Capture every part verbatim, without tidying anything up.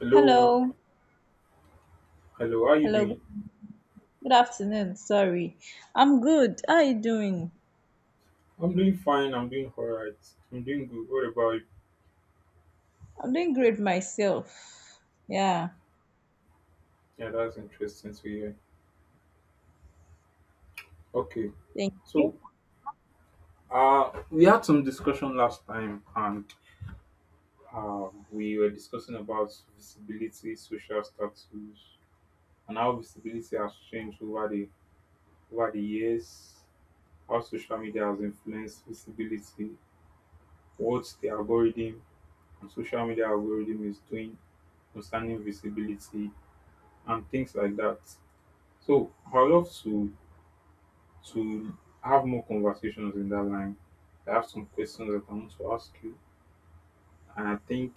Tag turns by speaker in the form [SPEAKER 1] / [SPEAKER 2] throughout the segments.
[SPEAKER 1] Hello,
[SPEAKER 2] Hello.
[SPEAKER 1] hello, how you
[SPEAKER 2] Hello.
[SPEAKER 1] doing?
[SPEAKER 2] Good afternoon. Sorry. I'm good. How are you doing?
[SPEAKER 1] I'm doing fine, I'm doing alright, I'm doing good. What about you?
[SPEAKER 2] I'm doing great myself. Yeah.
[SPEAKER 1] Yeah, that's interesting to hear. Okay,
[SPEAKER 2] Thank
[SPEAKER 1] so
[SPEAKER 2] you.
[SPEAKER 1] uh, we had some discussion last time and uh, we were discussing about visibility, social status, and how visibility has changed over the over the years, how social media has influenced visibility, what the algorithm and social media algorithm is doing concerning visibility and things like that. So I would love to to have more conversations in that line. I have some questions that I want to ask you, and I think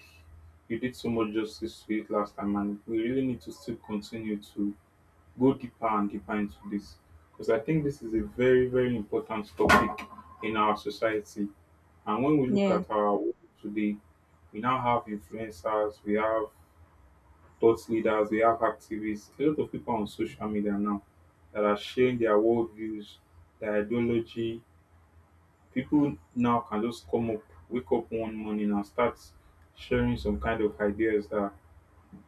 [SPEAKER 1] you did so much justice to it last time, and we really need to still continue to go deeper and deeper into this because I think this is a very very important topic in our society. And when we look
[SPEAKER 2] Yeah.
[SPEAKER 1] at our world today, we now have influencers, we have thought leaders, we have activists, a lot of people on social media now that are sharing their worldviews, their ideology. People now can just come up, wake up one morning and start sharing some kind of ideas that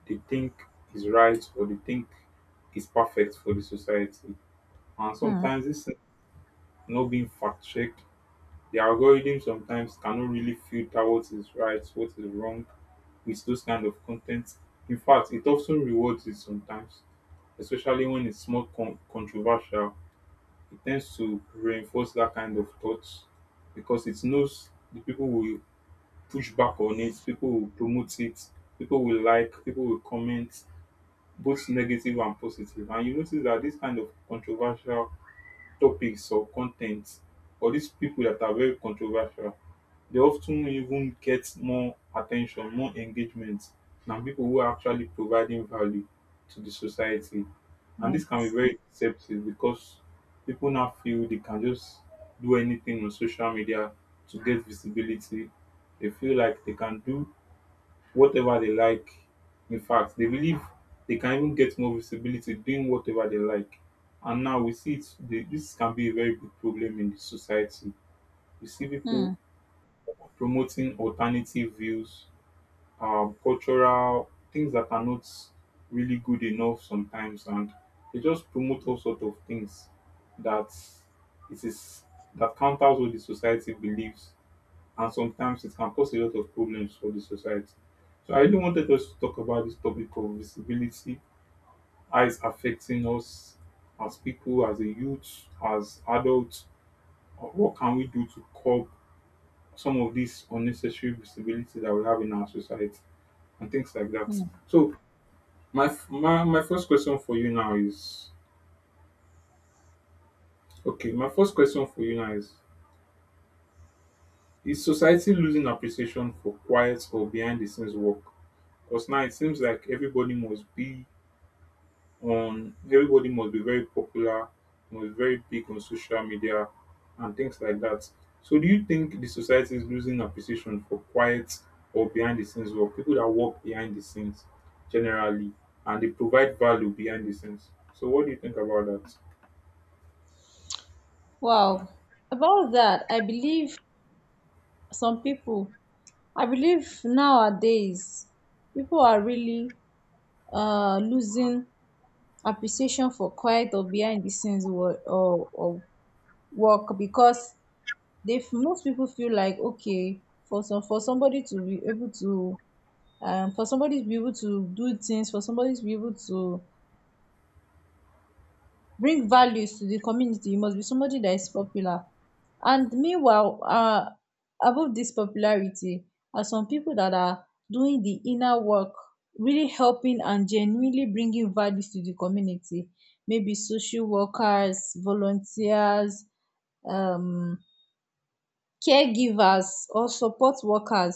[SPEAKER 1] they think is right or they think is perfect for the society. And
[SPEAKER 2] Hmm.
[SPEAKER 1] sometimes it's not being fact checked. The algorithm sometimes cannot really filter what is right, what is wrong with those kind of content. In fact, it often rewards it sometimes, especially when it's more con- controversial. It tends to reinforce that kind of thoughts because it knows the people will push back on it, people will promote it, people will like, people will comment, both negative and positive. And you notice that this kind of controversial topics or con or these people that are very controversial they often even get more attention, more engagement than people who are actually providing value to the society, and this can be
[SPEAKER 2] Yes.
[SPEAKER 1] very deceptive because people now feel they can just do anything on social media to get visibility. They feel like they can do whatever they like. In fact, they believe they can even get more visibility doing whatever they like. And now we see it, the, this can be a very big problem in the society. We see
[SPEAKER 2] Hmm.
[SPEAKER 1] people promoting alternative views, um, cultural things that are not really good enough sometimes, and they just promote all sorts of things that it is that counters what the society believes and sometimes it can cause a lot of problems for the society. So I really wanted us to talk about this topic of visibility, how it's affecting us as people, as a youth, as adults. Uh, What can we do to curb some of this unnecessary visibility that we have in our society and things like that?
[SPEAKER 2] Hmm.
[SPEAKER 1] So my f- my, my first question for you now is okay, my first question for you now is is society losing appreciation for quiet or behind the scenes work? Because now it seems like everybody must be on everybody must be very popular, must be very big on social media and things like that. So do you think the society is losing appreciation for quiet or behind the scenes work? People that work behind the scenes generally and they provide value behind the scenes. So what do you think about that?
[SPEAKER 2] Wow. About that, I believe some people, I believe nowadays, people are really uh, losing appreciation for quiet or behind the scenes work, or, or work because they f- most people feel like okay, for some for somebody to be able to um for somebody to be able to do things, for somebody to be able to bring values to the community, you must be somebody that is popular. And meanwhile uh above this popularity are some people that are doing the inner work, really helping and genuinely bringing values to the community, maybe social workers, volunteers, um caregivers or support workers.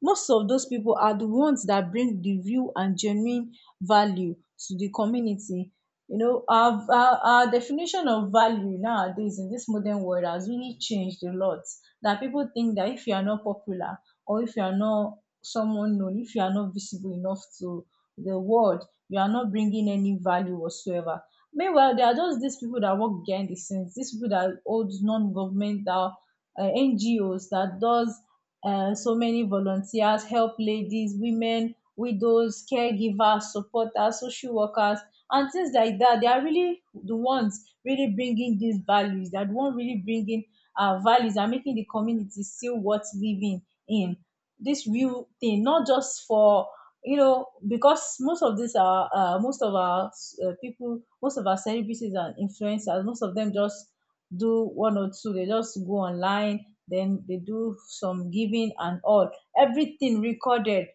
[SPEAKER 2] Most of those people are the ones that bring the real and genuine value to the community. You know, our, our, our definition of value nowadays in this modern world has really changed a lot, that people think that if you are not popular, or if you are not someone known, if you are not visible enough to the world, you are not bringing any value whatsoever. Meanwhile, there are just these people that work behind the scenes, these people that hold non-governmental, uh, N G Os that does uh, so many volunteers, help ladies, women, widows, caregivers, supporters, social workers, and things like that. They are really the ones really bringing these values. They are the one really bringing uh, values and making the community still worth living in. This real thing, not just for, you know, because most of these are uh, most of our uh, people, most of our celebrities and influencers, most of them just do one or two. They just go online, then they do some giving and all, everything recorded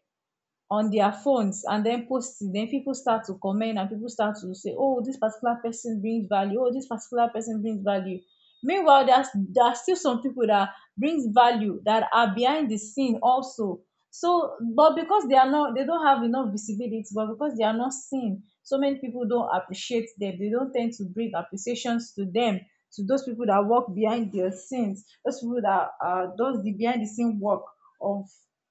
[SPEAKER 2] on their phones, and then post it, then people start to comment and people start to say, oh, this particular person brings value, oh, this particular person brings value. Meanwhile, there's there are still some people that brings value that are behind the scene also. So, but because they are not, they don't have enough visibility, but because they are not seen, so many people don't appreciate them. They don't tend to bring appreciations to them, to those people that work behind their scenes, those people that are does the behind the scene work of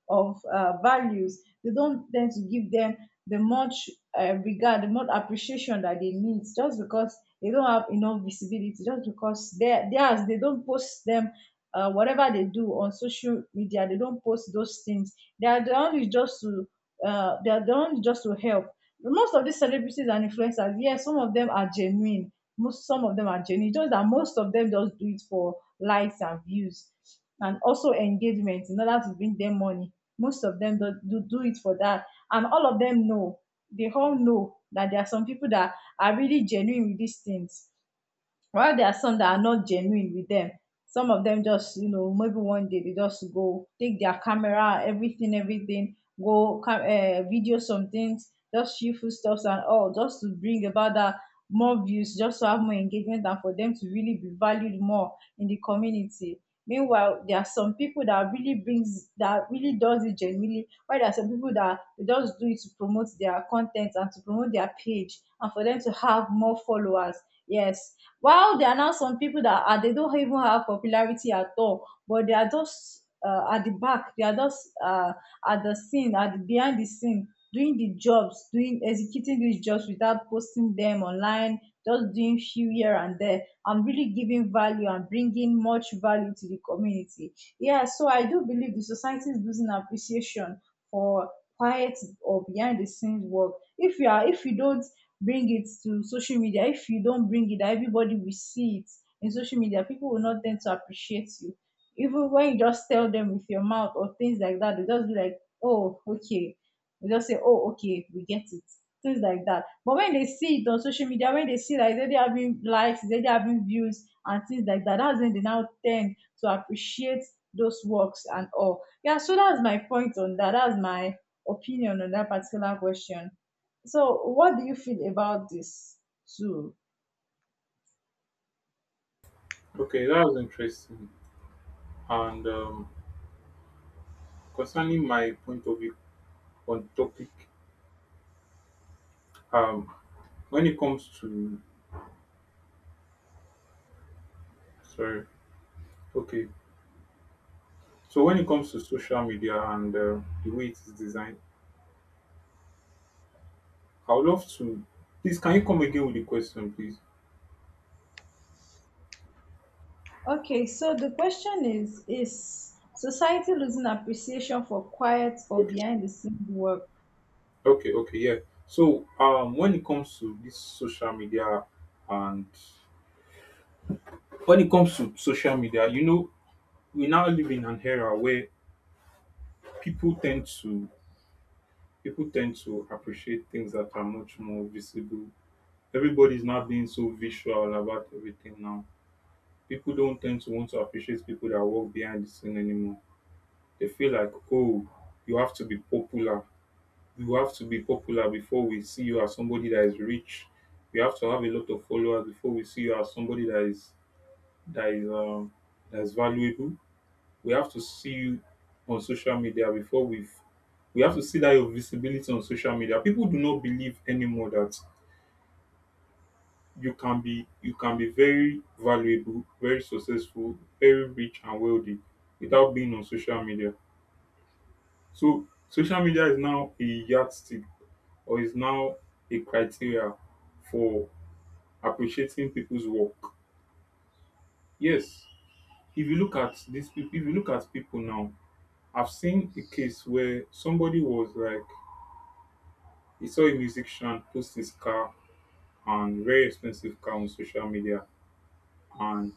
[SPEAKER 2] of uh, values. They don't tend to give them the much uh, regard, the much appreciation that they need, just because they don't have enough visibility, just because they theirs, they don't post them. Uh, whatever they do on social media, they don't post those things. They are the only just to, uh, they are the only just to help. Most of these celebrities and influencers, yes, some of them are genuine. Most Some of them are genuine. Just that most of them just do it for likes and views and also engagement in order to bring them money. Most of them do, do do it for that, and all of them know, they all know that there are some people that are really genuine with these things, while there are some that are not genuine with them. Some of them just, you know, maybe one day they just go take their camera, everything, everything, go cam- uh, video some things, just few food stuffs and all, just to bring about that more views, just to have more engagement, and for them to really be valued more in the community. Meanwhile, there are some people that really brings, that really does it genuinely, while there are some people that they just do it to promote their content and to promote their page and for them to have more followers. Yes. While there are now some people that are, they don't even have popularity at all, but they are just uh, at the back, they are just uh, at the scene, at the behind the scene, doing the jobs, doing executing these jobs without posting them online, just doing few here and there. I'm really giving value and bringing much value to the community. Yeah, so I do believe the society is losing appreciation for quiet or behind the scenes work. If you are, if you don't bring it to social media, if you don't bring it, everybody will see it in social media, people will not tend to appreciate you. Even when you just tell them with your mouth or things like that, they just be like, oh, okay, they just say, oh, okay, we get it, things like that. But when they see it on social media, when they see like they having likes, they having views and things like that, that's when they now tend to appreciate those works and all. Yeah, so that's my point on that, that's my opinion on that particular question. So, what do you feel about this too?
[SPEAKER 1] Okay, that was interesting. And um, concerning my point of view on topic. Um, when it comes to Sorry, okay, so when it comes to social media and uh, the way it is designed, I would love to. Please, can you come again with the question, please?
[SPEAKER 2] Okay, so the question is Is society losing appreciation for quiet or
[SPEAKER 1] Okay,
[SPEAKER 2] behind the scenes work?
[SPEAKER 1] okay, okay, yeah. So, um, when it comes to this social media and when it comes to social media, you know, we now live in an era where people tend to people tend to appreciate things that are much more visible. Everybody's not being so visual about everything now. People don't tend to want to appreciate people that work behind the scene anymore. They feel like, oh, you have to be popular you have to be popular before we see you as somebody that is rich. You have to have a lot of followers before we see you as somebody that is that is um that is valuable. We have to see you on social media before we have we have to see that your visibility on social media. People do not believe anymore that you can be you can be very valuable, very successful, very rich and wealthy without being on social media. So social media is now a yardstick or is now a criteria for appreciating people's work. Yes, if you look at these people, if you look at people now, I've seen a case where somebody was like, he saw a musician post his car and very expensive car on social media, and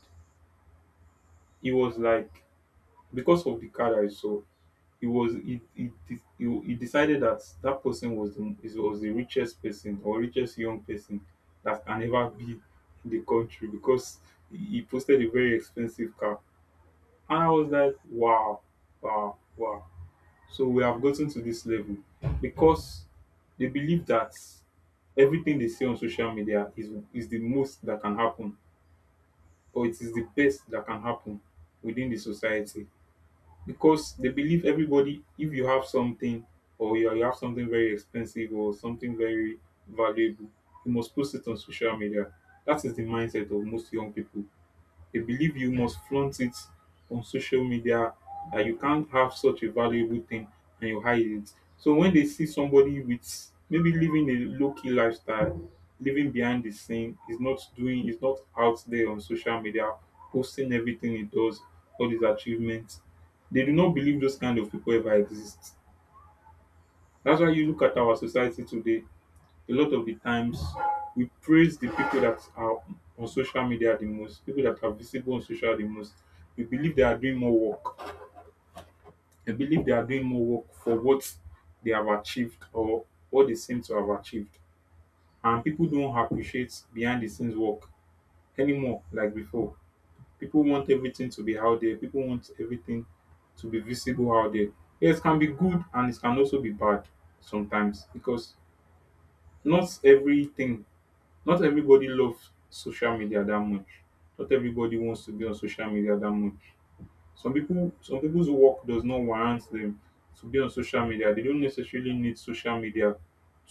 [SPEAKER 1] he was like, because of the car that I saw, he was he he de- he he decided that that person was the is- was the richest person or richest young person that can ever be in the country because he he posted a very expensive car and I was like wow wow wow. So we have gotten to this level because they believe that everything they see on social media is is the most that can happen or it is the best that can happen within the society because they believe everybody if you have something or you you have something very expensive or something very valuable you must post it on social media. That is the mindset of most young people. They believe you must flaunt it on social media, that you can't have such a valuable thing and you hide it. So when they see somebody with maybe living a low key lifestyle, living behind the scene, is not doing, is not out there on social media, posting everything he does, all his achievements, they do not believe those kind of people ever exist. That's why you look at our society today a lot of the times we praise the people that are on social media the most, people that are visible on social the most. We believe they are doing more work. We believe they are doing more work for what they have achieved or what they seem to have achieved. And people don't appreciate behind the scenes work anymore like before. People want everything to be out there. People want everything to be visible out there. Yes, it can be good and it can also be bad sometimes because not everything not everybody loves social media that much. Not everybody wants to be on social media that much. Some people, some people's work does not warrant them to be on social media. They don't necessarily need social media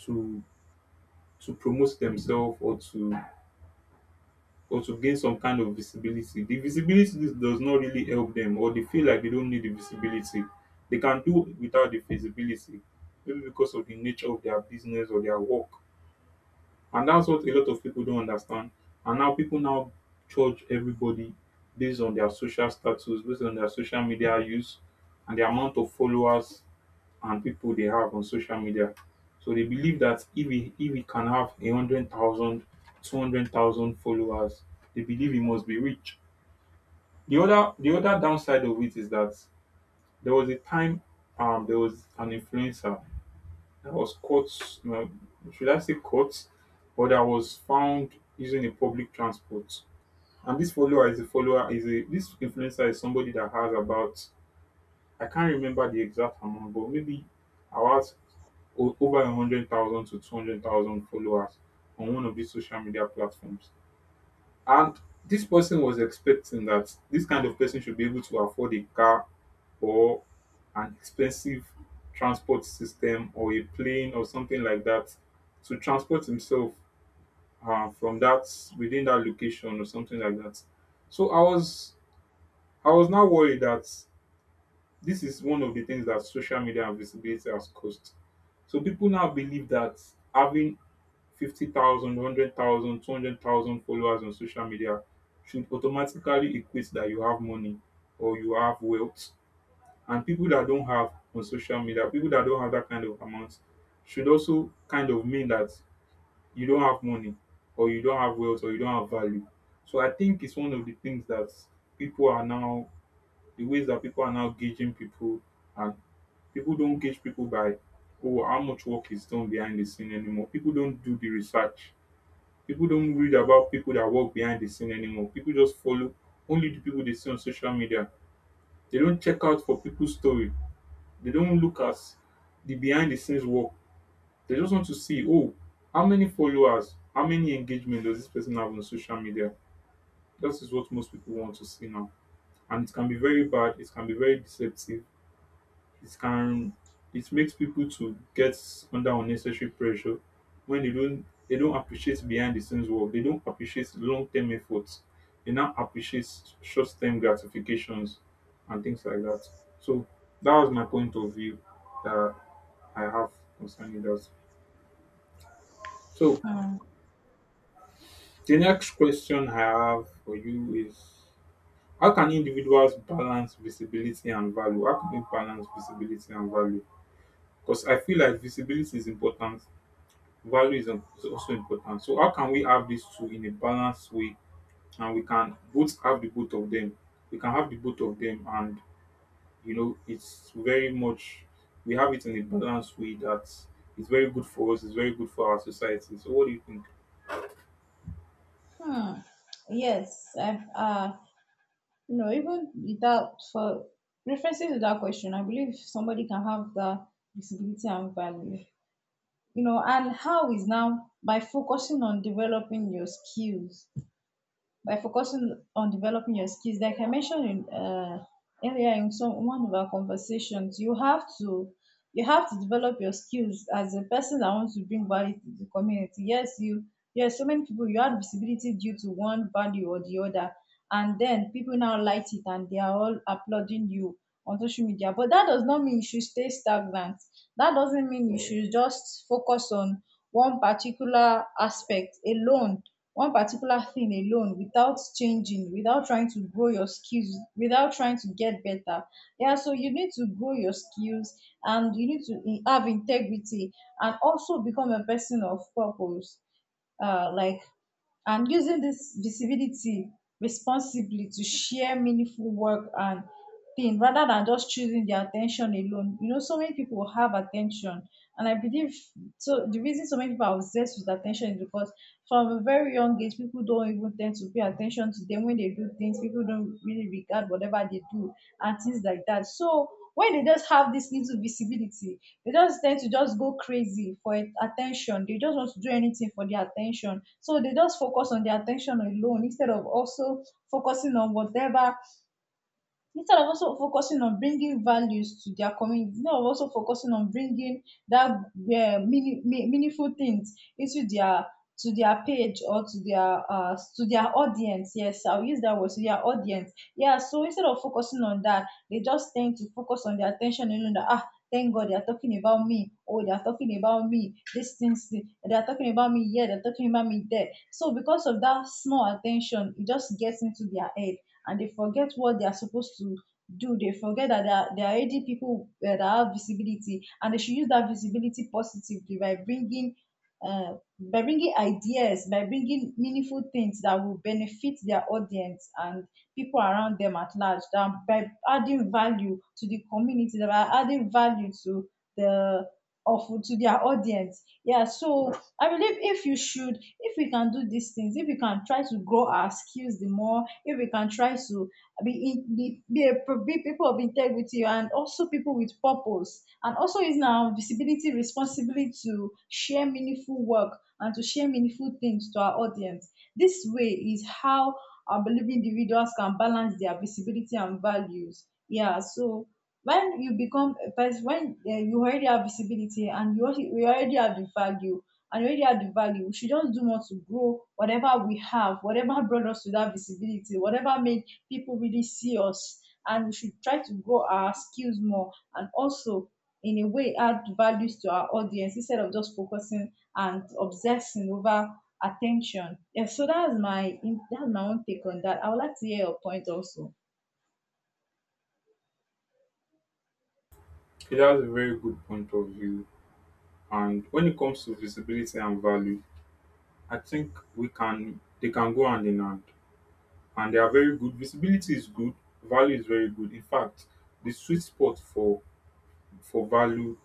[SPEAKER 1] to to promote themselves or to or to gain some kind of visibility. The visibility does not really help them, or they feel like they don't need the visibility. They can do without the visibility, maybe because of the nature of their business or their work. And that's what a lot of people don't understand. And now people now judge everybody based on their social status, based on their social media use, and the amount of followers and people they have on social media. So they believe that if he, if he can have a hundred thousand, two hundred thousand followers, they believe he must be rich. The other the other downside of it is that there was a time, um, there was an influencer that was caught. No, should I say caught? But that was found using a public transport. And this follower is a follower is a this influencer is somebody that has about, I can't remember the exact amount, but maybe about o- over a hundred thousand to two hundred thousand followers on one of these social media platforms. And this person was expecting that this kind of person should be able to afford a car or an expensive transport system or a plane or something like that to transport himself, uh, from that within that location or something like that. So I was I was now worried that this is one of the things that social media and visibility has caused. So people now believe that having fifty thousand, followers on social media should automatically equate that you have money or you have wealth and people that don't have on social media, people that don't have that kind of amount, should also kind of mean that you don't have money or you don't have wealth or you don't have value. So I think it's one of the things that people are now, the ways that people are now gauging people, and people don't gauge people by, oh, how much work is done behind the scene anymore. People don't do the research. People don't read about people that work behind the scene anymore. People just follow only the people they see on social media. They don't check out for people's story they don't look at the behind the scenes work. They just want to see, oh, how many followers, how many engagement does this person have on social media? That is what most people want to see now. And it can be very bad, it can be very deceptive, it can it makes people to get under unnecessary pressure when they don't they don't appreciate behind the scenes work, they don't appreciate long term efforts, they now appreciate short term gratifications and things like that. So that was my point of view That I have concerning that. So
[SPEAKER 2] Hmm.
[SPEAKER 1] the next question I have for you is, how can individuals balance visibility and value? How can we balance visibility and value? Because I feel like visibility is important, value is im- is also important. So how can we have these two in a balanced way and we can both have the both of them? We can have the both of them and you know it's very much we have it in a balanced way that it's very good for us, it's very good for our society. So what do you think?
[SPEAKER 2] Hmm. Yes, I've, uh, you know, even without for references to that question, I believe somebody can have the visibility and value, you know, and how is now by focusing on developing your skills. By focusing on developing your skills, like I mentioned in, uh, earlier in some one of our conversations, you have to, you have to develop your skills as a person that wants to bring value to the community. Yes, you yes, so many people you had visibility due to one value or the other, and then people now like it and they are all applauding you on social media. But that does not mean you should stay stagnant. That doesn't mean you should just focus on one particular aspect alone, one particular thing alone, without changing, without trying to grow your skills, without trying to get better. Yeah, so you need to grow your skills, and you need to in- have integrity and also become a person of purpose, uh, like, and using this visibility responsibly to share meaningful work and thing, rather than just choosing their attention alone. You know, so many people have attention, and I believe so. The reason so many people are obsessed with attention is because from a very young age, people don't even tend to pay attention to them when they do things. People don't really regard whatever they do and things like that. So when they just have this little visibility, they just tend to just go crazy for it- attention. They just want to do anything for their attention. So they just focus on their attention alone, instead of also focusing on whatever, instead of also focusing on bringing values to their community, instead of also focusing on bringing that uh, meaning, me- meaningful things into their, to their page, or to their uh to their audience. Yes, I'll use that word, to their audience. Yeah, so instead of focusing on that, they just tend to focus on their attention, you know, that, ah, thank god they are talking about me, oh, they are talking about me, these things, they are talking about me here, they're talking about me there. So because of that small attention, it just gets into their head and they forget what they are supposed to do. They forget that there are, there are already people uh, that have visibility, and they should use that visibility positively by bringing uh, by bringing ideas, by bringing meaningful things that will benefit their audience and people around them at large, that by adding value to the community, that by adding value to the of to their audience. Yeah, so I believe if you should, if we can do these things, if we can try to grow our skills the more, if we can try to be in, be, be, a, pro- be people of integrity and also people with purpose, and also is now visibility responsibility to share meaningful work and to share meaningful things to our audience, this way is how I believe individuals can balance their visibility and values. Yeah, so when you become a person when, eh, you already have visibility and you, al- you already have the value and already have the value. We should just do more to grow whatever we have, whatever brought us to that visibility, whatever made people really see us. And we should try to grow our skills more and also, in a way, add values to our audience instead of just focusing and obsessing over attention. Yeah, so that's my, that's my own take on that. I would like to hear your point also.
[SPEAKER 1] Okay, that's a very good point of view. And when it comes to visibility and value, I think we can they can go hand in hand. And they are very good. Visibility is good, value is very good. In fact, the sweet spot for for value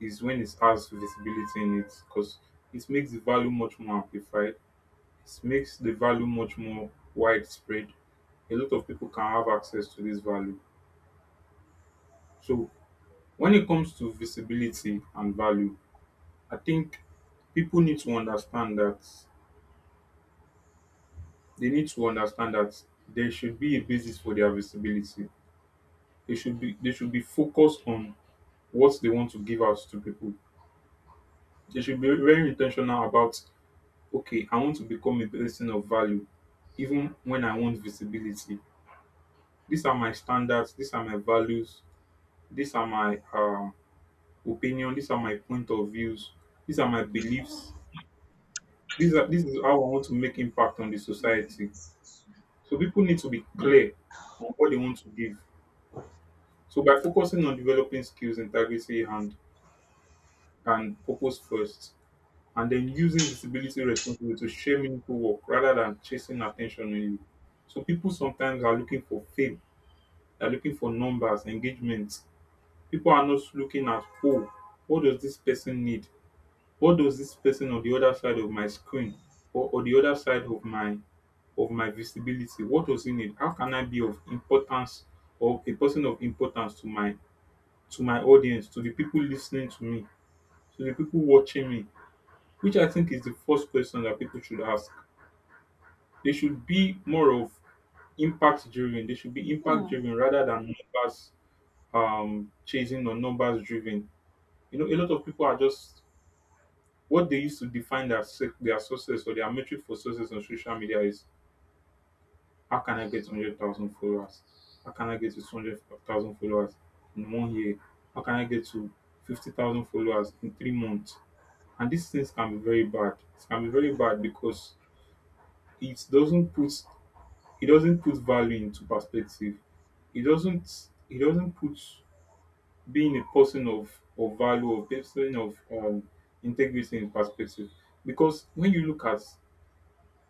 [SPEAKER 1] is when it has visibility in it because it makes the value much more amplified. It makes the value much more widespread. A lot of people can have access to this value. So when it comes to visibility and value, I think people need to understand that they need to understand that there should be a basis for their visibility. They should be they should be focused on what they want to give out to people. They should be very intentional about, okay, I want to become a person of value, even when I want visibility. These are my standards. These are my values. These are my um, opinion. These are my point of views. These are my beliefs. These are this is how I want to make impact on the society. So people need to be clear on what they want to give. So by focusing on developing skills, integrity, and and purpose first, and then using visibility responsibility to share meaningful work rather than chasing attention only. So people sometimes are looking for fame, they're looking for numbers, engagement. People are not looking at, oh, what does this person need? What does this person on the other side of my screen or, or the other side of my of my visibility? What was in it? How can I be of importance or a person of importance to my to my audience, to the people listening to me, to the people watching me? Which I think is the first question that people should ask. They should be more of impact driven. They should be
[SPEAKER 2] Hmm.
[SPEAKER 1] impact driven rather than numbers um chasing or numbers driven. You know, a lot of people are just what they used to define their suc- their success or their metric for success on social media is, how can I get a hundred thousand followers? How can I get to two hundred thousand followers in one year? How can I get to fifty thousand followers in three months? And these things can be very bad. It can be very bad because it doesn't put it doesn't put value into perspective. It doesn't it doesn't put being a person of, of value or person of um, integrity in perspective. Because when you look at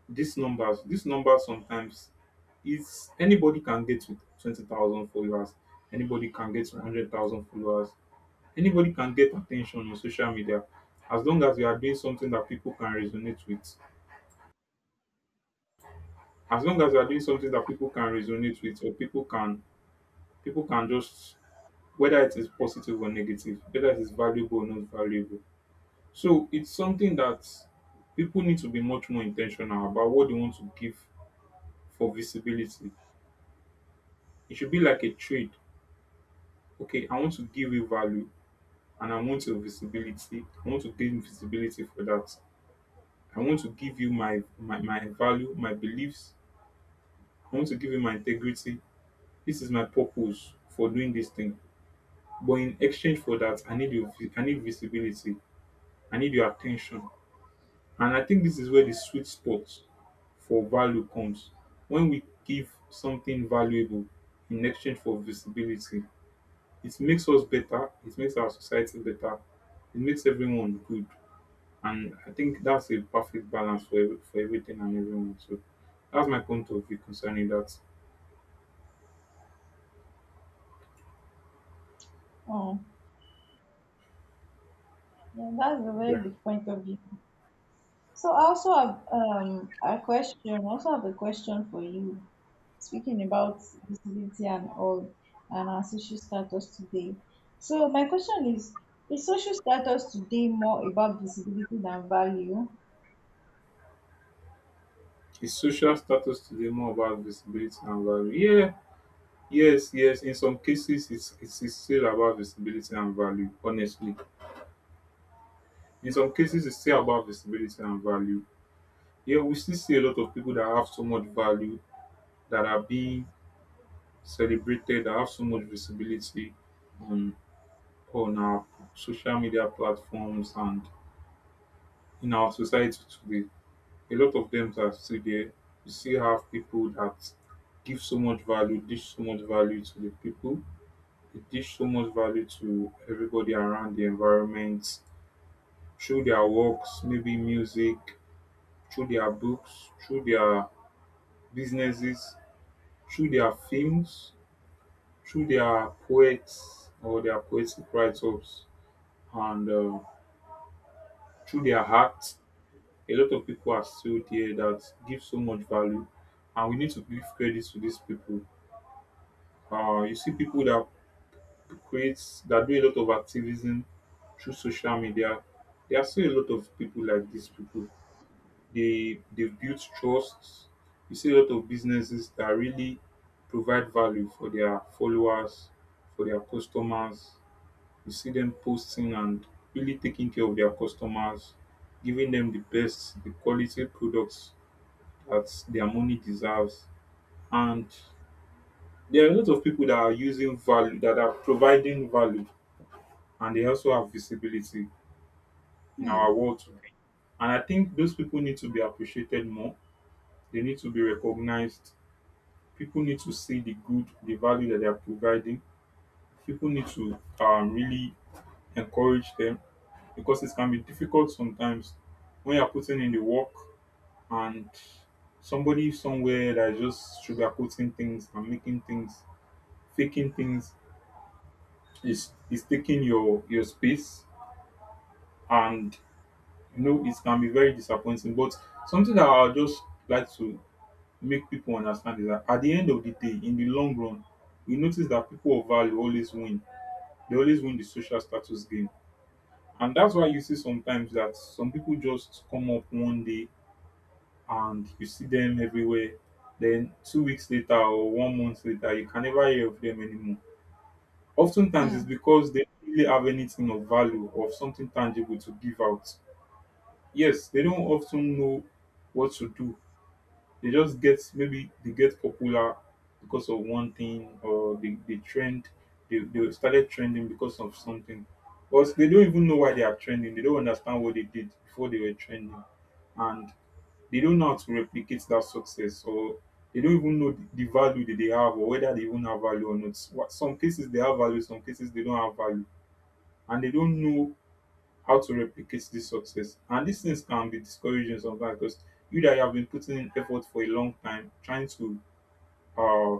[SPEAKER 1] these numbers, these numbers sometimes is, anybody can get with twenty thousand followers, anybody can get one hundred thousand followers, anybody can get attention on social media as long as you are doing something that people can resonate with. As long as you are doing something that people can resonate with or people can people can just, whether it is positive or negative, whether it is valuable or not valuable. So it's something that people need to be much more intentional about what they want to give for visibility. It should be like a trade, okay, I want to give you value and I want your visibility. I want to gain visibility for that. I want to give you my, my, my value, my beliefs. I want to give you my integrity. This is my purpose for doing this thing. But in exchange for that, I need your vi- I need visibility. I need your attention. And I think this is where the sweet spot for value comes. When we give something valuable in exchange for visibility, it makes us better, it makes our society better, it makes everyone good. And I think that's a perfect balance for every- for everything and everyone. So that's my point of view concerning that.
[SPEAKER 2] Oh, yeah, that's a very
[SPEAKER 1] Yeah.
[SPEAKER 2] good point of view. So I also have um a question. I also have a question for you. Speaking about disability and all and our social status today. So my question is: is social status today more about disability than value?
[SPEAKER 1] Is social status today more about visibility and value? Yeah, yes, yes. In some cases it's it's it's still about visibility and value, honestly. In some cases it's still about visibility and value. Yeah, we still see a lot of people that have so much value that are being celebrated, that have so much visibility on on our social media platforms and in our society today, a lot of them are still there. You still have people that give so much value, dish so much value to the people, they dish so much value to everybody around the environment, through their works, maybe music, through their books, through their businesses, through their films, through their poets or their poetic write-ups, and uh, through their heart. A lot of people are still there that give so much value, and we need to give credit to these people. Uh, you see people that create, that do a lot of activism through social media. There are still a lot of people like these people. They they've built trusts. You see a lot of businesses that really provide value for their followers, for their customers. You see them posting and really taking care of their customers, giving them the best, the quality products that their money deserves. And there are a lot of people that are using value, that are providing value and they also have visibility in our
[SPEAKER 2] Hmm.
[SPEAKER 1] world today. And I think those people need to be appreciated more. They need to be recognized. People need to see the good, the value that they are providing. People need to um, really encourage them because it can be difficult sometimes when you're putting in the work and somebody somewhere that is just sugarcoating things and making things, faking things is is taking your your space and, you know, it can be very disappointing. But something that I'll just like to make people understand is that at the end of the day, in the long run, we notice that people of value always win. They always win the social status game. And that's why you see sometimes that some people just come up one day and you see them everywhere. Then two weeks later or one month later, you can never hear of them anymore. Oftentimes
[SPEAKER 2] Hmm.
[SPEAKER 1] it's because they don't really have anything of value or something tangible to give out. Yes, they don't often know what to do. They just get, maybe they get popular because of one thing or they, they trend, they, they started trending because of something. But they don't even know why they are trending. They don't understand what they did before they were trending. And they don't know how to replicate that success or they don't even know the the value that they have or whether they even have value or not. What- Some cases they have value, some cases they don't have value. And they don't know how to replicate this success. And these things can be discouraging sometimes because you that you have been putting in effort for a long time trying to uh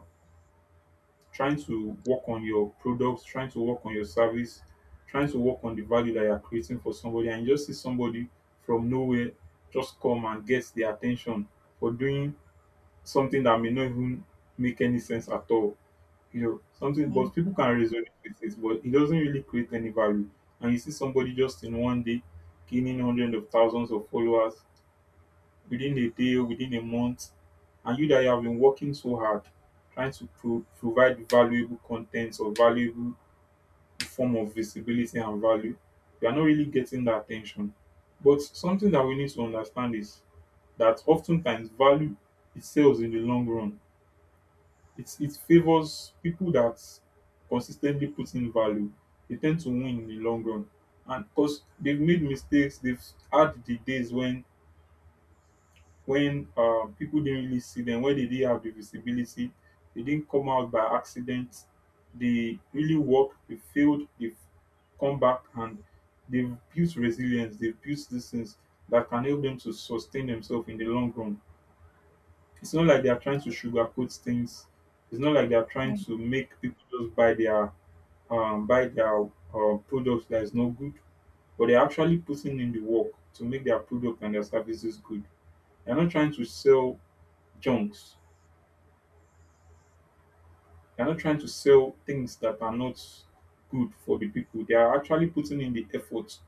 [SPEAKER 1] trying to work on your products, trying to work on your service, trying to work on the value that you're creating for somebody and you just see somebody from nowhere just come and gets their attention for doing something that may not even make any sense at all, you know, something, but
[SPEAKER 2] Hmm.
[SPEAKER 1] people can resonate with it, but it doesn't really create any value. And you see somebody just in one day gaining hundreds of thousands of followers within a day, within a month, and you that you have been working so hard trying to pro- provide valuable content or valuable form of visibility and value, you are not really getting that attention. But something that we need to understand is that oftentimes value, it sells in the long run, it's it favors people that consistently put in value. They tend to win in the long run, and because they've made mistakes, they've had the days when when uh, people didn't really see them, when they didn't have the visibility, they didn't come out by accident. They really worked. They failed. They've come back and they've built resilience. They've built these things that can help them to sustain themselves in the long run. It's not like they are trying to sugarcoat things. It's not like they are trying
[SPEAKER 2] Hmm.
[SPEAKER 1] to make people just buy their um, buy their uh, products that is not good, but they're actually putting in the work to make their product and their services good. They're not trying to sell junks. They're not trying to sell things that are not good for the people. They are actually putting in the effort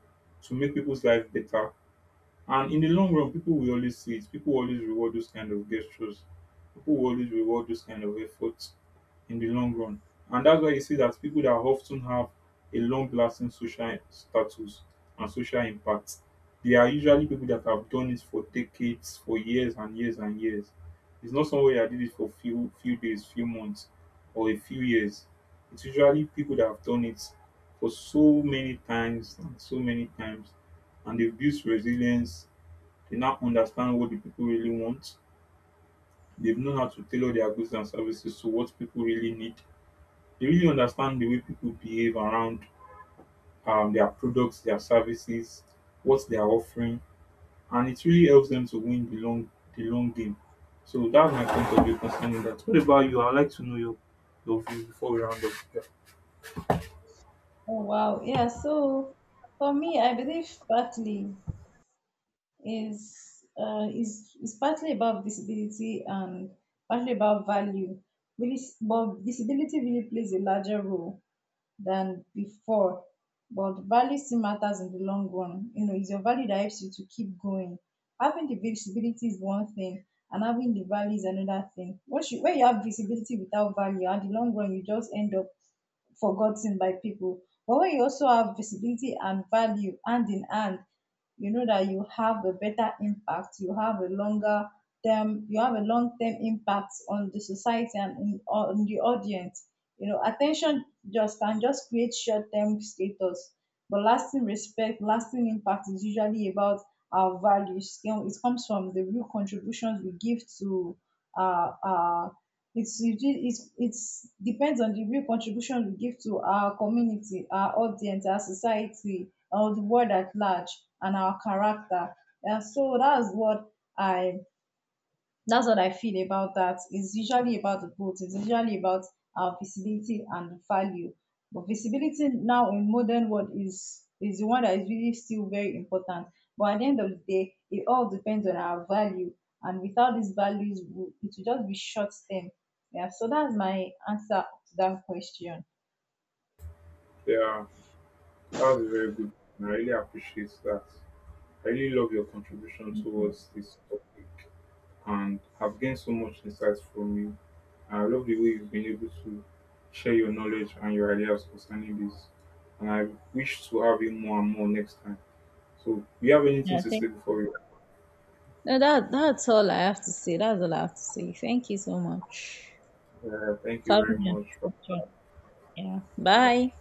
[SPEAKER 1] to make people's life better. And in the long run, people will always see it. People will always reward those kind of gestures. People will always reward those kind of efforts in the long run. And that's why you see that people that often have a long lasting social status and social impact, they are usually people that have done it for decades, for years and years and years. It's not somebody that did it for few few days, few months, or a few years. It's usually people that have done it for so many times and so many times and they've built resilience, they now understand what the people really want. They've known how to tailor their goods and services to what people really need. They really understand the way people behave around um, their products, their services, what they are offering, and it really helps them to win the long the long game. So that's my point of view concerning that. What about you? I'd like to know your, your view before we round up. Yeah,
[SPEAKER 2] Oh, wow. Yeah. So for me, I believe partly is, uh, is is partly about disability and partly about value. Really, s- but disability really plays a larger role than before. But value still matters in the long run. You know, it's your value that helps you to keep going. Having the visibility is one thing, and having the value is another thing. Once you, when you have visibility without value, at the long run, you just end up forgotten by people. But when you also have visibility and value hand in hand, you know that you have a better impact, you have a longer term, you have a long term impact on the society and in, on the audience. You know, attention just can just create short term status, but lasting respect, lasting impact is usually about our values. You know, it comes from the real contributions we give to, uh, uh it's really, it's it's depends on the real contribution we give to our community, our audience, our society, or the world at large, and our character. And so that's what i that's what I feel about that. It's usually about the both. It's usually about our visibility and value. But visibility now in modern world is is the one that is really still very important. But at the end of the day, it all depends on our value. And without these values, we- it will just be short term. Yeah. So that's my answer to that question.
[SPEAKER 1] yeah that was very good. I really appreciate that. I really love your contribution
[SPEAKER 2] Mhm.
[SPEAKER 1] towards this topic and have gained so much insight from you. I love the way you've been able to share your knowledge and your ideas concerning this. And I wish to have you more and more next time. So, do you have anything
[SPEAKER 2] Yeah,
[SPEAKER 1] to
[SPEAKER 2] thank
[SPEAKER 1] say before we?
[SPEAKER 2] No, that that's all I have to say. That's all I have to say. Thank you so much
[SPEAKER 1] Uh, thank
[SPEAKER 2] for
[SPEAKER 1] you
[SPEAKER 2] having
[SPEAKER 1] very
[SPEAKER 2] me on
[SPEAKER 1] much.
[SPEAKER 2] this question. Yeah.
[SPEAKER 1] Yeah.
[SPEAKER 2] Bye.